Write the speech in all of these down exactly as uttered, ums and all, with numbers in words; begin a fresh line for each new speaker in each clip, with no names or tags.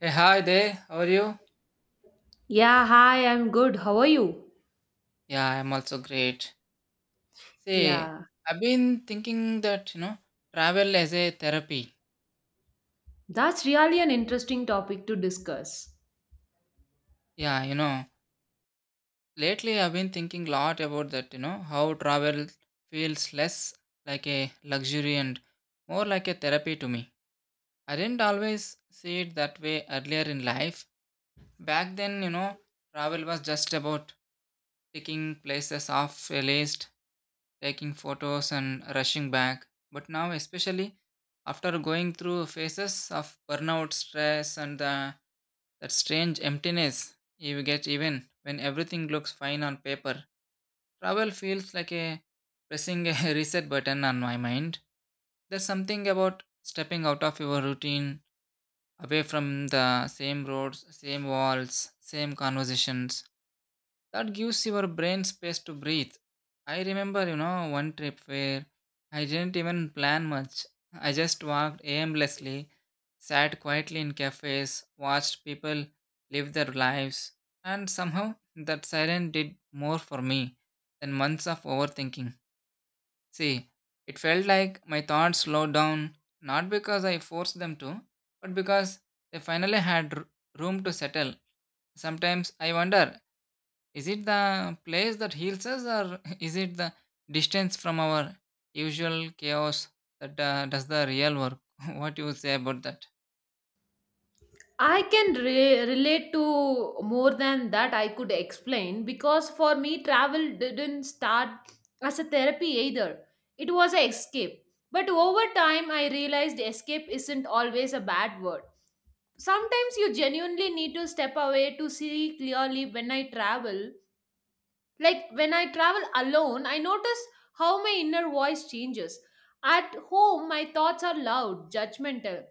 Hey, hi there. How are you?
Yeah, hi, I'm good. How are you?
Yeah, I'm also great. See,
Yeah,
I've been thinking that, you know, travel as a therapy.
that's really an interesting topic to discuss.
Yeah, you know, lately I've been thinking a lot about that, you know, how travel feels less like a luxury and more like a therapy to me. I didn't always see it that way earlier in life. Back then, you know, travel was just about ticking places off a list, taking photos and rushing back. But now, especially after going through phases of burnout, stress, and the, that strange emptiness you get even when everything looks fine on paper, travel feels like a pressing a reset button on my mind. There's something about stepping out of your routine, away from the same roads, same walls, same conversations, that gives your brain space to breathe. I remember, you know, one trip where I didn't even plan much. I just walked aimlessly, sat quietly in cafes, watched people live their lives, and somehow that silence did more for me than months of overthinking. See, it felt like my thoughts slowed down, not because I forced them to, but because they finally had r- room to settle. Sometimes I wonder, is it the place that heals us, or is it the distance from our usual chaos that uh, does the real work? What do you say about that?
I can re- relate to more than that I could explain because for me, travel didn't start as a therapy either. It was an escape. But over time, I realized escape isn't always a bad word. Sometimes you genuinely need to step away to see clearly when I travel. Like when I travel alone, I notice how my inner voice changes. At home, my thoughts are loud, judgmental,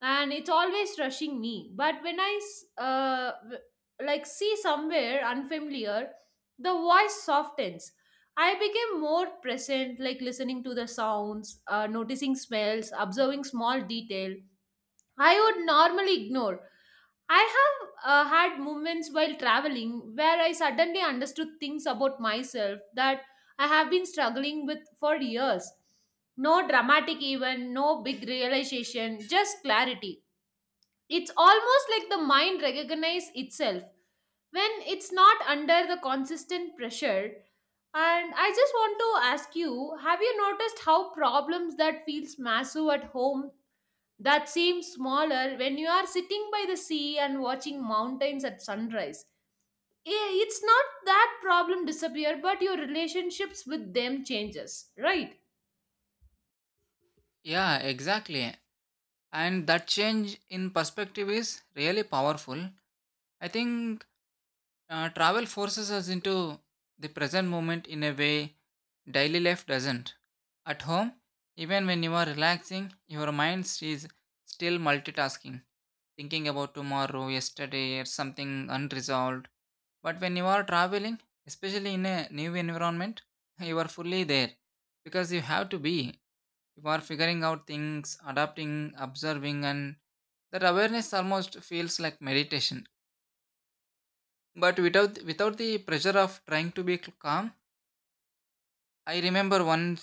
and it's always rushing me. But when I s- uh, w- like see somewhere unfamiliar, the voice softens. I became more present, like listening to the sounds, uh, noticing smells, observing small detail I would normally ignore. I have uh, had moments while traveling where I suddenly understood things about myself that I have been struggling with for years. No dramatic event, no big realization, just clarity. It's almost like the mind recognizes itself when it's not under the consistent pressure. And I just want to ask you, have you noticed how problems that feels massive at home that seems smaller when you are sitting by the sea and watching mountains at sunrise? Eh, it's not that problem disappear but your relationships with them changes, right?
Yeah, exactly. And that change in perspective is really powerful. I think Uh, travel forces us into the present moment in a way daily life doesn't. At home, even when you are relaxing, your mind is still multitasking, thinking about tomorrow, yesterday, or something unresolved. But when you are traveling, especially in a new environment, you are fully there because you have to be. You are figuring out things, adapting, observing, and that awareness almost feels like meditation, but without without the pressure of trying to be calm. I remember once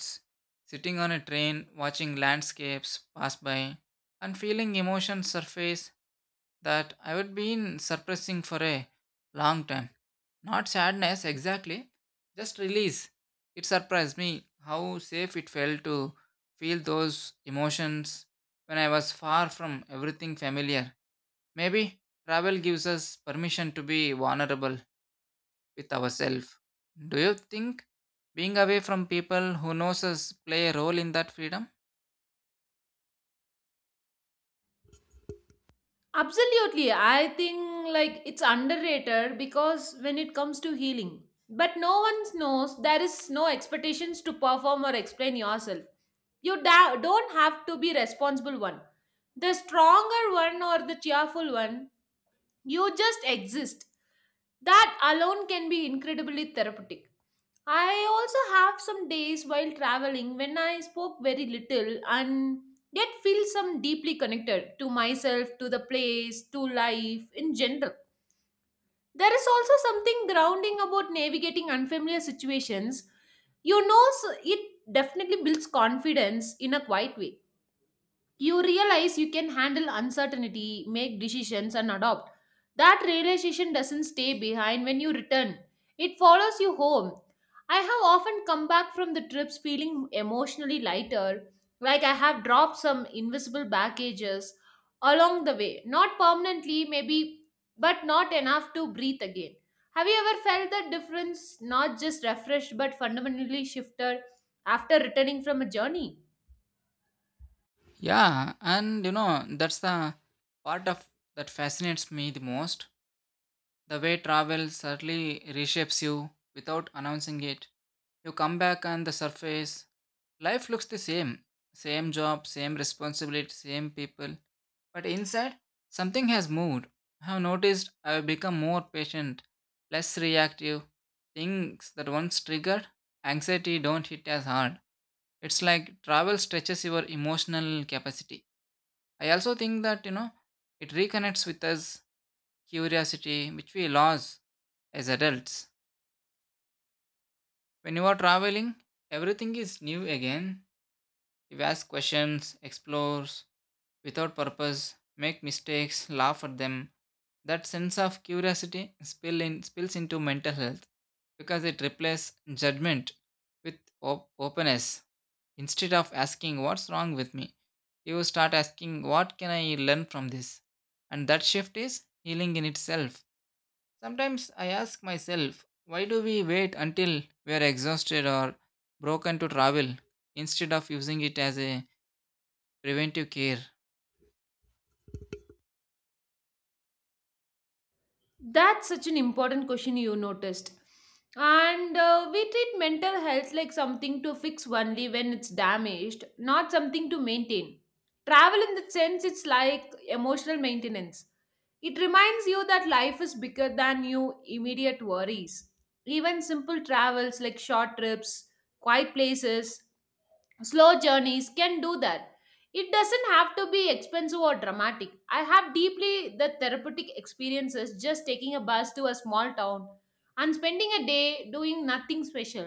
sitting on a train, watching landscapes pass by and feeling emotions surface that I had been suppressing for a long time. Not sadness exactly, just release. It surprised me how safe it felt to feel those emotions when I was far from everything familiar. Maybe travel gives us permission to be vulnerable with ourselves. Do you think being away from people who knows us play a role in that freedom?
Absolutely, I think like it's underrated because when it comes to healing but no one knows there is no expectations to perform or explain yourself. You da- don't have to be responsible one, the stronger one or the cheerful one. You just exist. That alone can be incredibly therapeutic. I also have some days while traveling when I spoke very little and yet feel some deeply connected to myself, to the place, to life in general. There is also something grounding about navigating unfamiliar situations. You know, so it definitely builds confidence in a quiet way. You realize you can handle uncertainty, make decisions, and adopt. That realization doesn't stay behind when you return, it follows you home. I have often come back from the trips feeling emotionally lighter, like I have dropped some invisible baggages along the way. Not permanently, maybe, but not enough to breathe again. Have you ever felt the difference, not just refreshed, but fundamentally shifted after returning from a journey?
Yeah, and you know that's the part of that fascinates me the most. The way travel subtly reshapes you without announcing it. You come back on the surface. Life looks the same. Same job, same responsibility, same people. But inside, something has moved. I have noticed I have become more patient, less reactive. Things that once triggered anxiety don't hit as hard. It's like travel stretches your emotional capacity. I also think that, you know, it reconnects with us curiosity which we lose as adults. When you are traveling, everything is new again. You ask questions, explore without purpose, make mistakes, laugh at them. That sense of curiosity spill in, spills into mental health because it replaces judgment with op- openness. Instead of asking, what's wrong with me? You start asking, what can I learn from this? And that shift is healing in itself. Sometimes I ask myself, why do we wait until we are exhausted or broken to travel instead of using it as a preventive care?
That's such an important question you noticed. And uh, we treat mental health like something to fix only when it's damaged, not something to maintain. Travel, in the sense, it's like emotional maintenance. It reminds you that life is bigger than your immediate worries. Even simple travels like short trips, quiet places, slow journeys can do that. It doesn't have to be expensive or dramatic. I have deeply the therapeutic experiences just taking a bus to a small town and spending a day doing nothing special,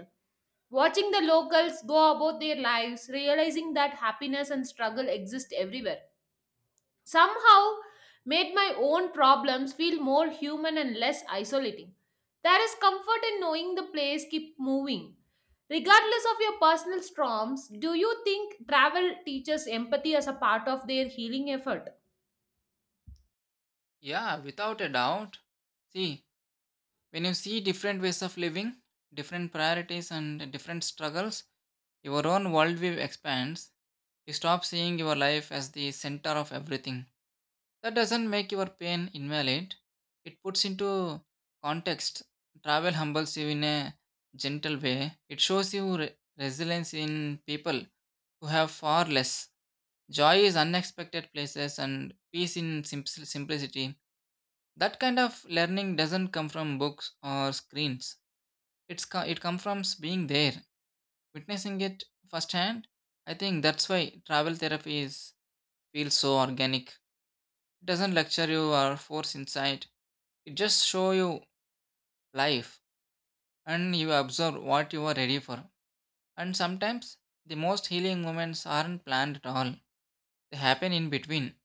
watching the locals go about their lives, realizing that happiness and struggle exist everywhere somehow made my own problems feel more human and less isolating. There is comfort in knowing the place keep moving. Regardless of your personal storms, do you think travel teaches empathy as a part of their healing effort?
Yeah, without a doubt. See, when you see different ways of living, different priorities, and different struggles, your own worldview expands. You stop seeing your life as the center of everything. That doesn't make your pain invalid. It puts into context. Travel humbles you in a gentle way. It shows you re- resilience in people who have far less. Joy is unexpected places and peace in simp- simplicity. That kind of learning doesn't come from books or screens. It's co- it comes from being there, witnessing it firsthand. I think that's why travel therapy is feels so organic. It doesn't lecture you or force insight. It just show you life, and you observe what you are ready for. And sometimes the most healing moments aren't planned at all. They happen in between.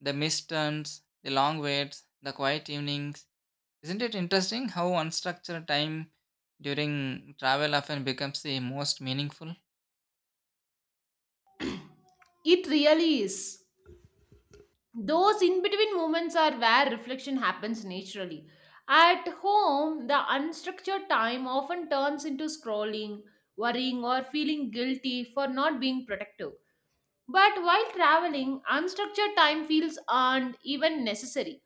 The missed turns, the long waits, the quiet evenings. Isn't it interesting how unstructured time during travel often becomes the most meaningful?
It really is. Those in between moments are where reflection happens naturally. At home, the unstructured time often turns into scrolling, worrying, or feeling guilty for not being protective. But while traveling, unstructured time feels earned, even necessary.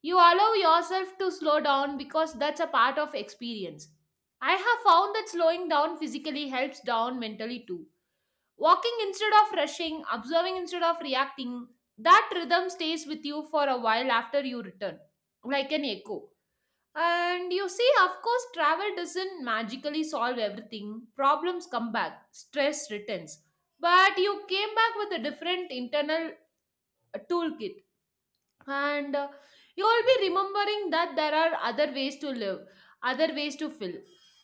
You allow yourself to slow down because that's a part of experience. I have found that slowing down physically helps down mentally too. Walking instead of rushing, observing instead of reacting, that rhythm stays with you for a while after you return, like an echo. And you see, of course, travel doesn't magically solve everything. Problems come back, stress returns. But you came back with a different internal uh, toolkit. And uh, you will be remembering that there are other ways to live, other ways to feel.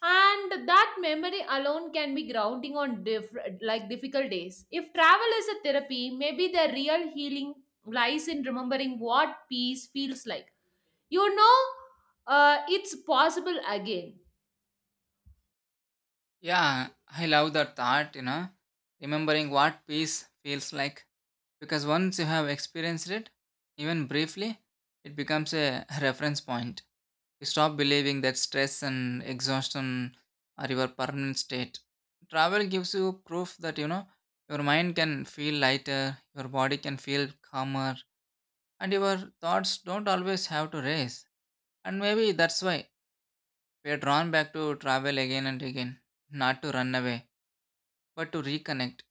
And that memory alone can be grounding on diff- like difficult days. If travel is a therapy, maybe the real healing lies in remembering what peace feels like, you know, uh, it's possible again.
Yeah, I love that thought, you know, remembering what peace feels like. Because once you have experienced it, even briefly, it becomes a reference point. You stop believing that stress and exhaustion are your permanent state. Travel gives you proof that you know your mind can feel lighter, your body can feel calmer, and your thoughts don't always have to race. And maybe that's why we are drawn back to travel again and again, not to run away, but to reconnect,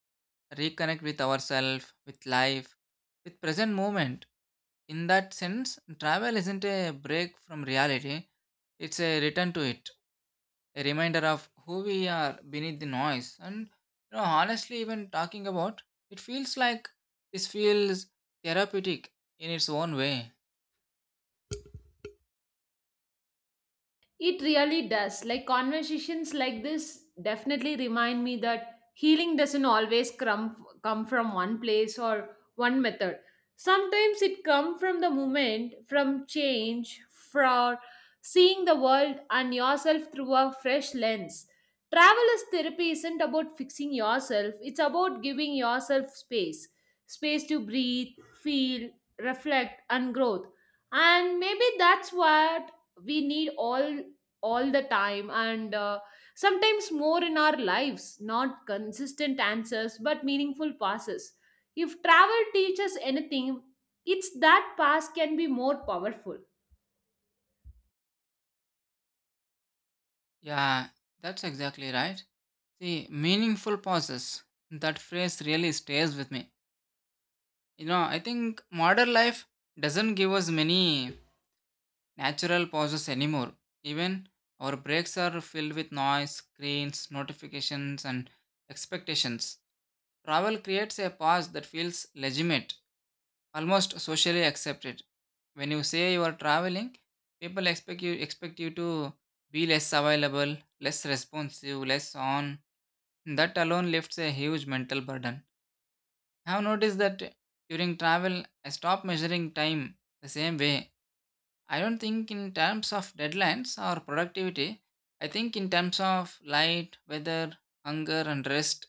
reconnect with ourselves, with life, with present moment. In that sense, travel isn't a break from reality, it's a return to it. A reminder of who we are beneath the noise. And you know honestly, even talking about it, feels like this feels therapeutic in its own way.
It really does. Like conversations like this definitely remind me that healing doesn't always come come from one place or one method. Sometimes it comes from the moment, from change, from seeing the world and yourself through a fresh lens. Travel as therapy isn't about fixing yourself, it's about giving yourself space. Space to breathe, feel, reflect, and growth. And maybe that's what we need all all the time, and uh, sometimes more in our lives, not consistent answers but meaningful passes. If travel teaches anything, it's that pass can be more powerful.
Yeah, that's exactly right. See, meaningful pauses, that phrase really stays with me. you know I think modern life doesn't give us many natural pauses anymore. Even our breaks are filled with noise, screens, notifications, and expectations. Travel creates a pause that feels legitimate, almost socially accepted. When you say you are traveling, people expect you expect you to be less available, less responsive, less on. That alone lifts a huge mental burden. I have noticed that during travel, I stop measuring time the same way. I don't think in terms of deadlines or productivity. I think in terms of light, weather, hunger, and rest.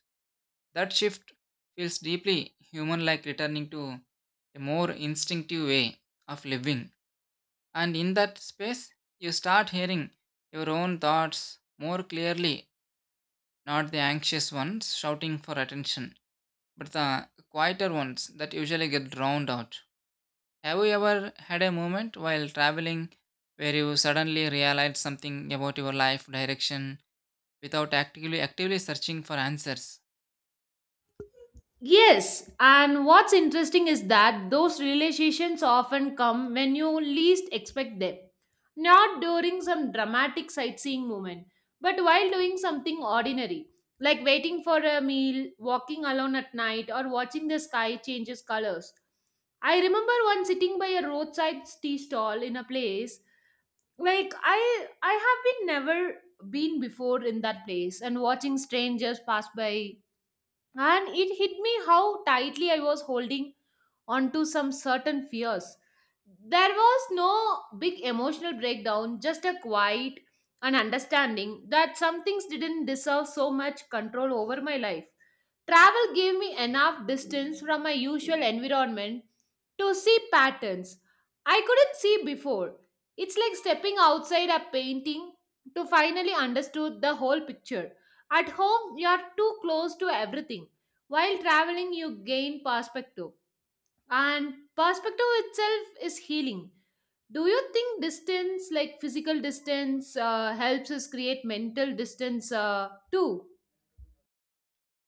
That shift feels deeply human, like returning to a more instinctive way of living. And in that space, you start hearing your own thoughts more clearly, not the anxious ones shouting for attention, but the quieter ones that usually get drowned out. Have you ever had a moment while traveling where you suddenly realized something about your life direction without actively actively searching for answers?
Yes, and what's interesting is that those realizations often come when you least expect them. Not during some dramatic sightseeing moment, but while doing something ordinary, like waiting for a meal, walking alone at night, or watching the sky changes colors. I remember once sitting by a roadside tea stall in a place like I I have been never been before in that place, and watching strangers pass by, and it hit me how tightly I was holding onto some certain fears. There was no big emotional breakdown, just a quiet and understanding that some things didn't deserve so much control over my life. Travel gave me enough distance from my usual environment to see patterns I couldn't see before. It's like stepping outside a painting to finally understood the whole picture. At home, you are too close to everything. While traveling, you gain perspective, and perspective itself is healing. Do you think distance, like physical distance, uh, helps us create mental distance uh, too?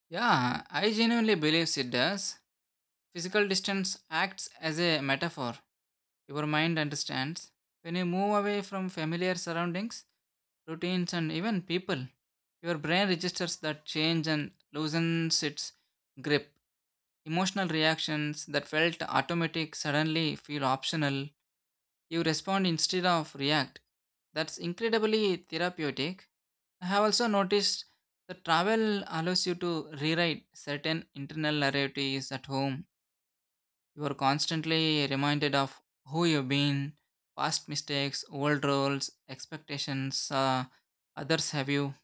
Yeah, I genuinely believe it does. Physical distance acts as a metaphor. Your mind understands. When you move away from familiar surroundings, routines, and even people, your brain registers that change and loosens its grip. Emotional reactions that felt automatic suddenly feel optional. You respond instead of react. That's incredibly therapeutic. I have also noticed that travel allows you to rewrite certain internal narratives at home. You are constantly reminded of who you've been, past mistakes, old roles, expectations uh, others have you.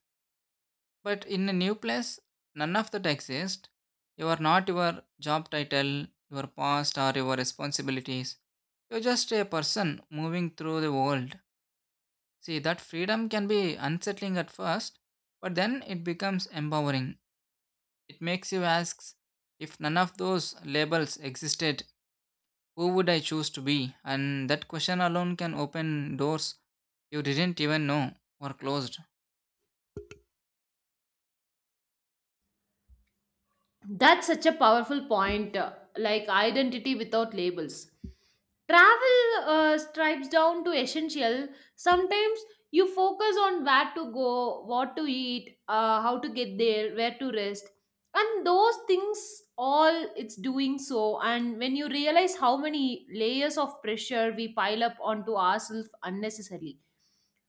But in a new place, none of that exists. You are not your job title, your past, or your responsibilities. You're just a person moving through the world. See, that freedom can be unsettling at first, but then it becomes empowering. It makes you ask, if none of those labels existed, who would I choose to be? And that question alone can open doors you didn't even know were closed.
That's such a powerful point, uh, like identity without labels. Travel uh, stripes down to essential. Sometimes you focus on where to go, what to eat, uh, how to get there, where to rest. And those things all it's doing so. And when you realize how many layers of pressure we pile up onto ourselves unnecessarily,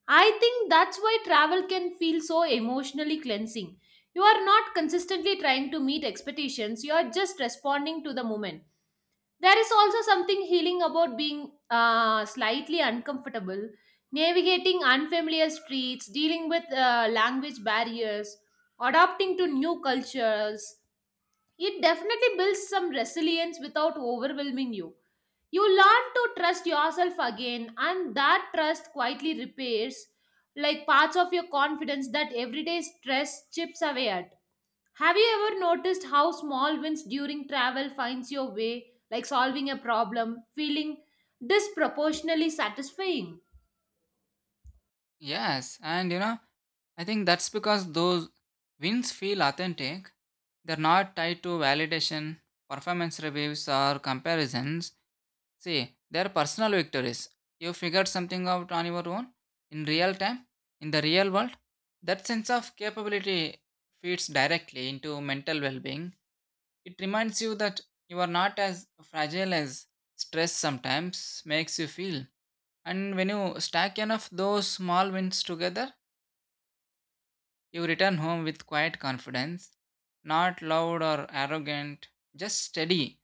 I think that's why travel can feel so emotionally cleansing. You are not consistently trying to meet expectations, you are just responding to the moment. There is also something healing about being uh, slightly uncomfortable, navigating unfamiliar streets, dealing with uh, language barriers, adapting to new cultures. It definitely builds some resilience without overwhelming you. You learn to trust yourself again, and that trust quietly repairs like parts of your confidence that everyday stress chips away at. Have you ever noticed how small wins during travel finds your way, like solving a problem, feeling disproportionately satisfying?
Yes, and you know, I think that's because those wins feel authentic. They're not tied to validation, performance reviews, or comparisons. See, they're personal victories. You figured something out on your own, in real time, in the real world. That sense of capability feeds directly into mental well being. It reminds you that you are not as fragile as stress sometimes makes you feel. And when you stack enough those small wins together, you return home with quiet confidence, not loud or arrogant, just steady.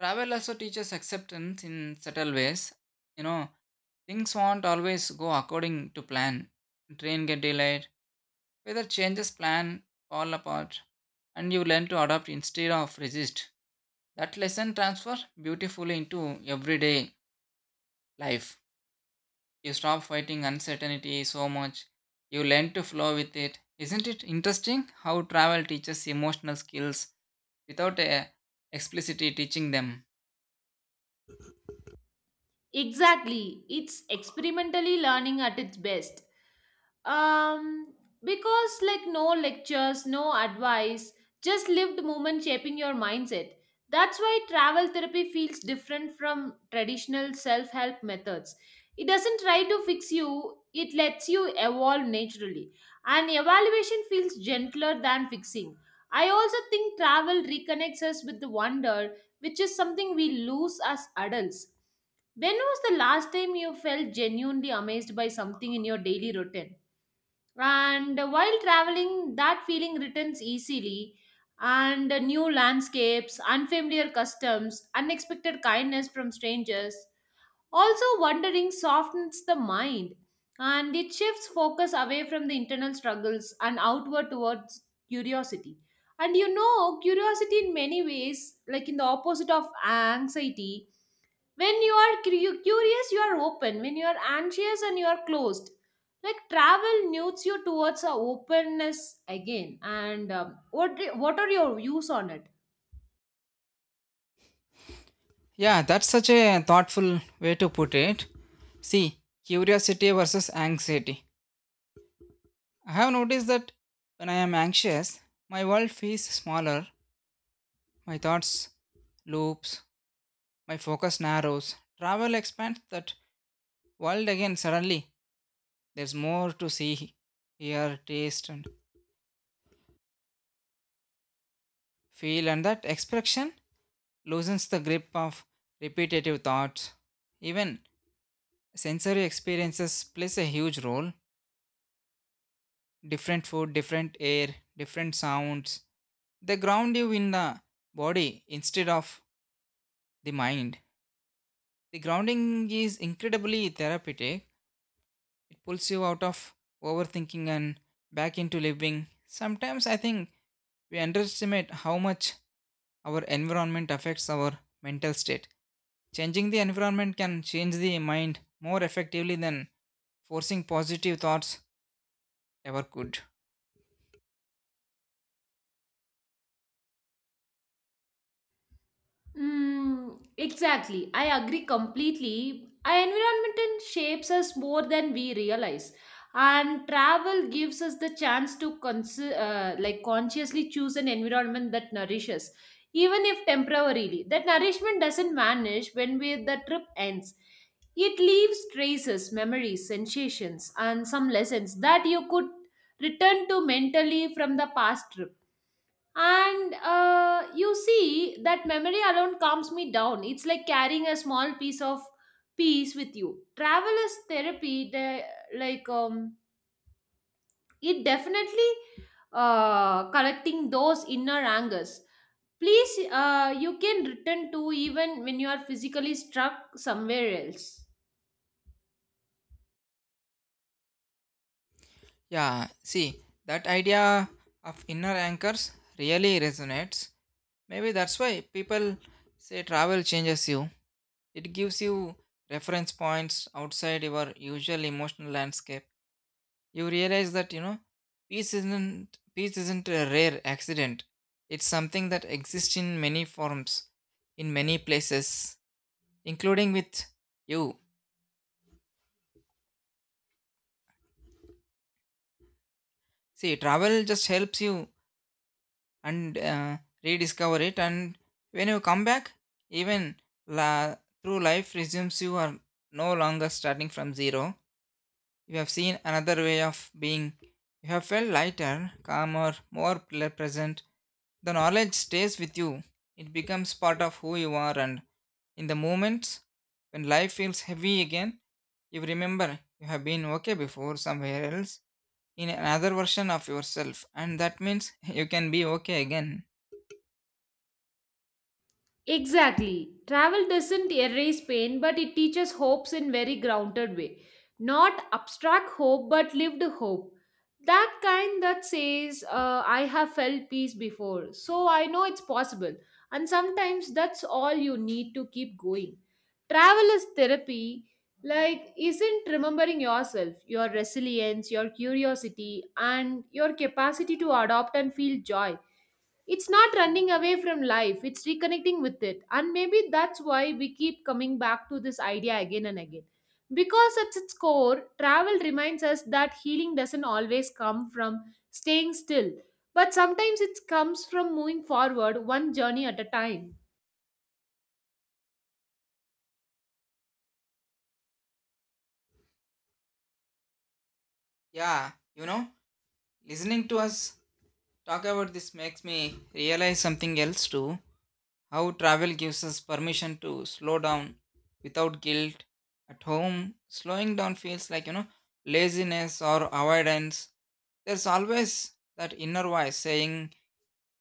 Travel also teaches acceptance in subtle ways. You know, things won't always go according to plan. Train get delayed, weather changes plan, fall apart, and you learn to adapt instead of resist. That lesson transfer beautifully into everyday life. You stop fighting uncertainty so much. You learn to flow with it. Isn't it interesting how travel teaches emotional skills without uh, explicitly teaching them?
Exactly. It's experimentally learning at its best. Um, because like no lectures, no advice, just lived moment shaping your mindset. That's why travel therapy feels different from traditional self-help methods. It doesn't try to fix you, it lets you evolve naturally. And evaluation feels gentler than fixing. I also think travel reconnects us with the wonder, which is something we lose as adults. When was the last time you felt genuinely amazed by something in your daily routine? And while traveling, that feeling returns easily. And new landscapes, unfamiliar customs, unexpected kindness from strangers. Also, wandering softens the mind and it shifts focus away from the internal struggles and outward towards curiosity. And you know, curiosity in many ways, like in the opposite of anxiety, when you are cu- curious you are open, when you are anxious and you are closed, like travel nudges you towards a openness again, and um, what what are your views on it?
Yeah, that's such a thoughtful way to put it. See, curiosity versus anxiety. I have noticed that when I am anxious, my world feels smaller, my thoughts loops, my focus narrows. Travel expands that world again suddenly. There's more to see, hear, taste, and feel, and that expression loosens the grip of repetitive thoughts. Even sensory experiences plays a huge role, different food, different air, different sounds. They ground you in the body instead of the mind. The grounding is incredibly therapeutic. It pulls you out of overthinking and back into living. Sometimes I think we underestimate how much our environment affects our mental state. Changing the environment can change the mind more effectively than forcing positive thoughts ever could.
Mm, exactly. I agree completely. Our environment and shapes us more than we realize. And travel gives us the chance to cons- uh, like consciously choose an environment that nourishes, even if temporarily. That nourishment doesn't vanish when we, the trip ends. It leaves traces, memories, sensations, and some lessons that you could return to mentally from the past trip. And uh, you see, that memory alone calms me down. It's like carrying a small piece of peace with you. Travel is therapy, the, like um, it definitely uh, collecting those inner angers, please, uh, you can return to even when you are physically struck somewhere else.
Yeah, see, that idea of inner anchors really resonates. Maybe that's why people say travel changes you. It gives you reference points outside your usual emotional landscape. You realize that, you know, peace isn't peace isn't a rare accident. It's something that exists in many forms, in many places, including with you. See, travel just helps you and uh, rediscover it, and when you come back, even la- through life resumes, you are no longer starting from zero. You have seen another way of being, you have felt lighter, calmer, more ple- present. The knowledge stays with you, it becomes part of who you are, and in the moments when life feels heavy again, you remember you have been okay before, somewhere else, in another version of yourself, and that means you can be okay again.
Exactly. Travel doesn't erase pain, but it teaches hopes in very grounded way. Not abstract hope, but lived hope. That kind that says, uh, I have felt peace before, so I know it's possible. And sometimes that's all you need to keep going. Travel is therapy, like, isn't remembering yourself, your resilience, your curiosity, and your capacity to adopt and feel joy. It's not running away from life, it's reconnecting with it. And maybe that's why we keep coming back to this idea again and again. Because at its core, travel reminds us that healing doesn't always come from staying still, but sometimes it comes from moving forward one journey at a time.
Yeah, you know, listening to us talk about this makes me realize something else too, how travel gives us permission to slow down without guilt. At home, slowing down feels like, you know, laziness or avoidance. There's always that inner voice saying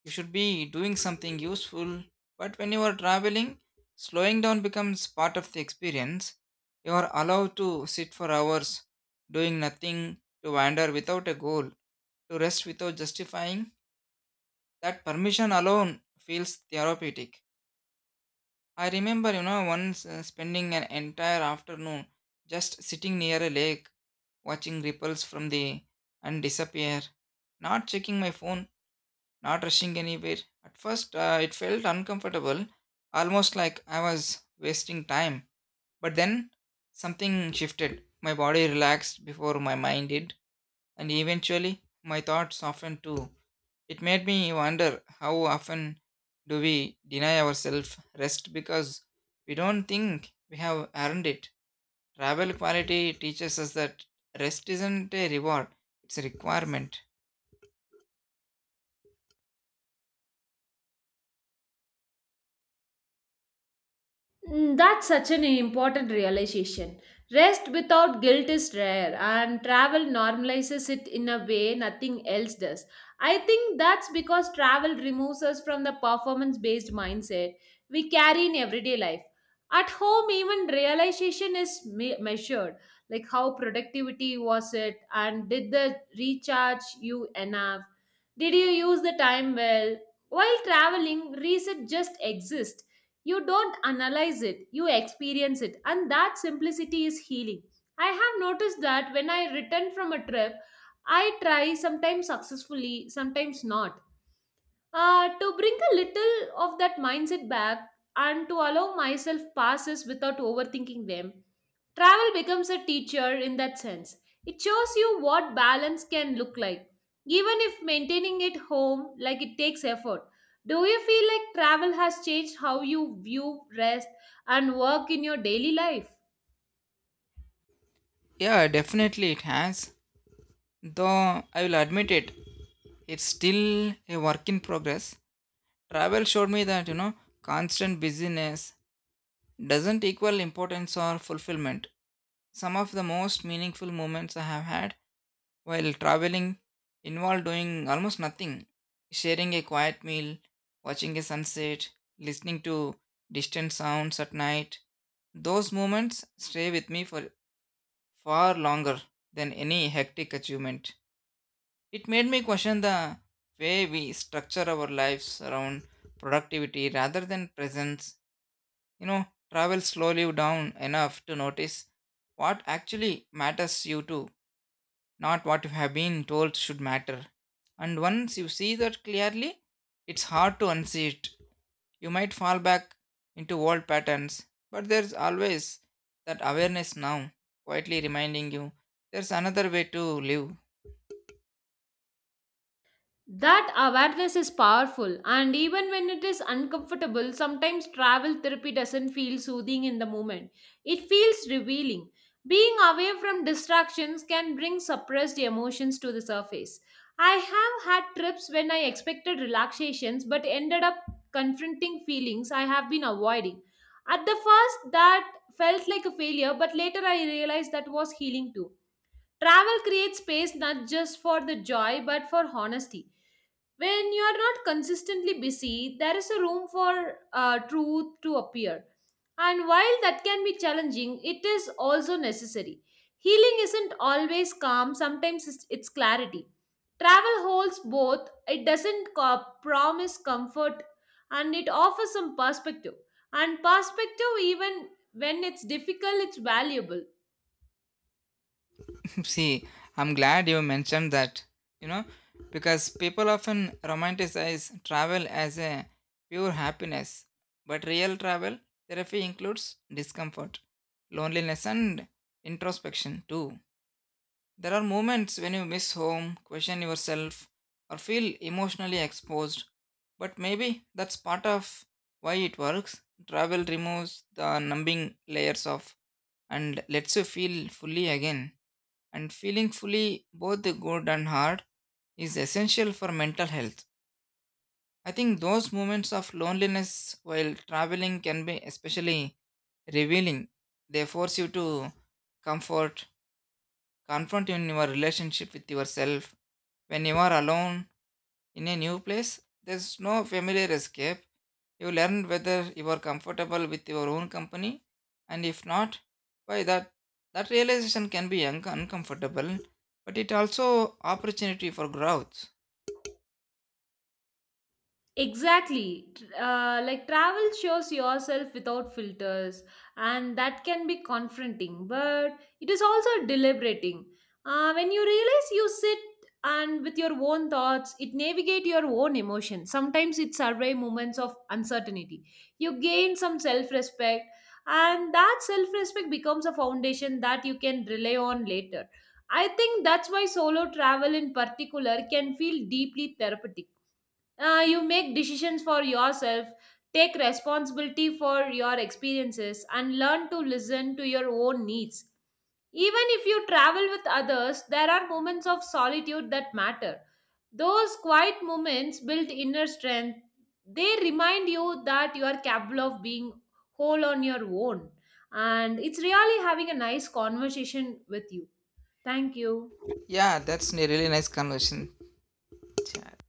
you should be doing something useful. But when you are traveling, slowing down becomes part of the experience. You are allowed to sit for hours doing nothing, to wander without a goal, to rest without justifying. That permission alone feels therapeutic. I remember, you know once, uh, spending an entire afternoon just sitting near a lake, watching ripples from the and disappear, not checking my phone, not rushing anywhere. At first, uh, it felt uncomfortable, almost like I was wasting time. But then something shifted. My body relaxed before my mind did, and eventually my thoughts softened too. It made me wonder, how often do we deny ourselves rest because we don't think we have earned it? Travel quality teaches us that rest isn't a reward, it's a requirement.
Mm, that's such an important realization. Rest without guilt is rare, and travel normalizes it in a way nothing else does. I think that's because travel removes us from the performance based mindset we carry in everyday life. At home, even realization is me- measured like how productivity was it, and did the recharge you enough? Did you use the time well? While traveling, reset just exists. You don't analyze it, you experience it, and that simplicity is healing. I have noticed that when I return from a trip, I try, sometimes successfully, sometimes not, uh, to bring a little of that mindset back and to allow myself passes without overthinking them. Travel becomes a teacher in that sense. It shows you what balance can look like, even if maintaining it home like it takes effort. Do you feel like travel has changed how you view rest and work in your daily life?
Yeah, definitely it has. Though I will admit it, it's still a work in progress. Travel showed me that, you know, constant busyness doesn't equal importance or fulfillment. Some of the most meaningful moments I have had while traveling involved doing almost nothing: sharing a quiet meal, watching a sunset, listening to distant sounds at night. Those moments stay with me for far longer than any hectic achievement. It made me question the way we structure our lives around productivity rather than presence. You know, travel slowly down enough to notice what actually matters you to, not what you have been told should matter. And once you see that clearly, it's hard to unsee it. You might fall back into old patterns, but there's always that awareness now, quietly reminding you there's another way to live.
That awareness is powerful, and even when it is uncomfortable, sometimes travel therapy doesn't feel soothing in the moment. It feels revealing. Being away from distractions can bring suppressed emotions to the surface. I have had trips when I expected relaxations but ended up confronting feelings I have been avoiding. At the first, that felt like a failure, but later I realized that was healing too. Travel creates space not just for the joy but for honesty. When you are not consistently busy, there is a room for uh, truth to appear. And while that can be challenging, it is also necessary. Healing isn't always calm, sometimes it's, it's clarity. Travel holds both, it doesn't co- promise comfort and it offers some perspective. And perspective, even when it's difficult, it's valuable.
See, I'm glad you mentioned that, you know, because people often romanticize travel as a pure happiness, but real travel therapy includes discomfort, loneliness, and introspection too. There are moments when you miss home, question yourself, or feel emotionally exposed. But maybe that's part of why it works. Travel removes the numbing layers of and lets you feel fully again. And feeling fully, both the good and hard, is essential for mental health. I think those moments of loneliness while traveling can be especially revealing. They force you to comfort confront in your relationship with yourself. When you are alone in a new place, there's no familiar escape. You learn whether you are comfortable with your own company, and if not, why. That that realization can be un- uncomfortable, but it also opportunity for growth.
Exactly. Uh, like travel shows yourself without filters, and that can be confronting, but it is also deliberating. Uh, when you realize you sit and with your own thoughts, it navigate your own emotions. Sometimes it survey moments of uncertainty. You gain some self respect, and that self respect becomes a foundation that you can rely on later. I think that's why solo travel in particular can feel deeply therapeutic. Uh, you make decisions for yourself, take responsibility for your experiences and learn to listen to your own needs. Even if you travel with others, there are moments of solitude that matter. Those quiet moments build inner strength. They remind you that you are capable of being whole on your own. And it's really having a nice conversation with you. Thank you.
Yeah, that's a really nice conversation. Yeah.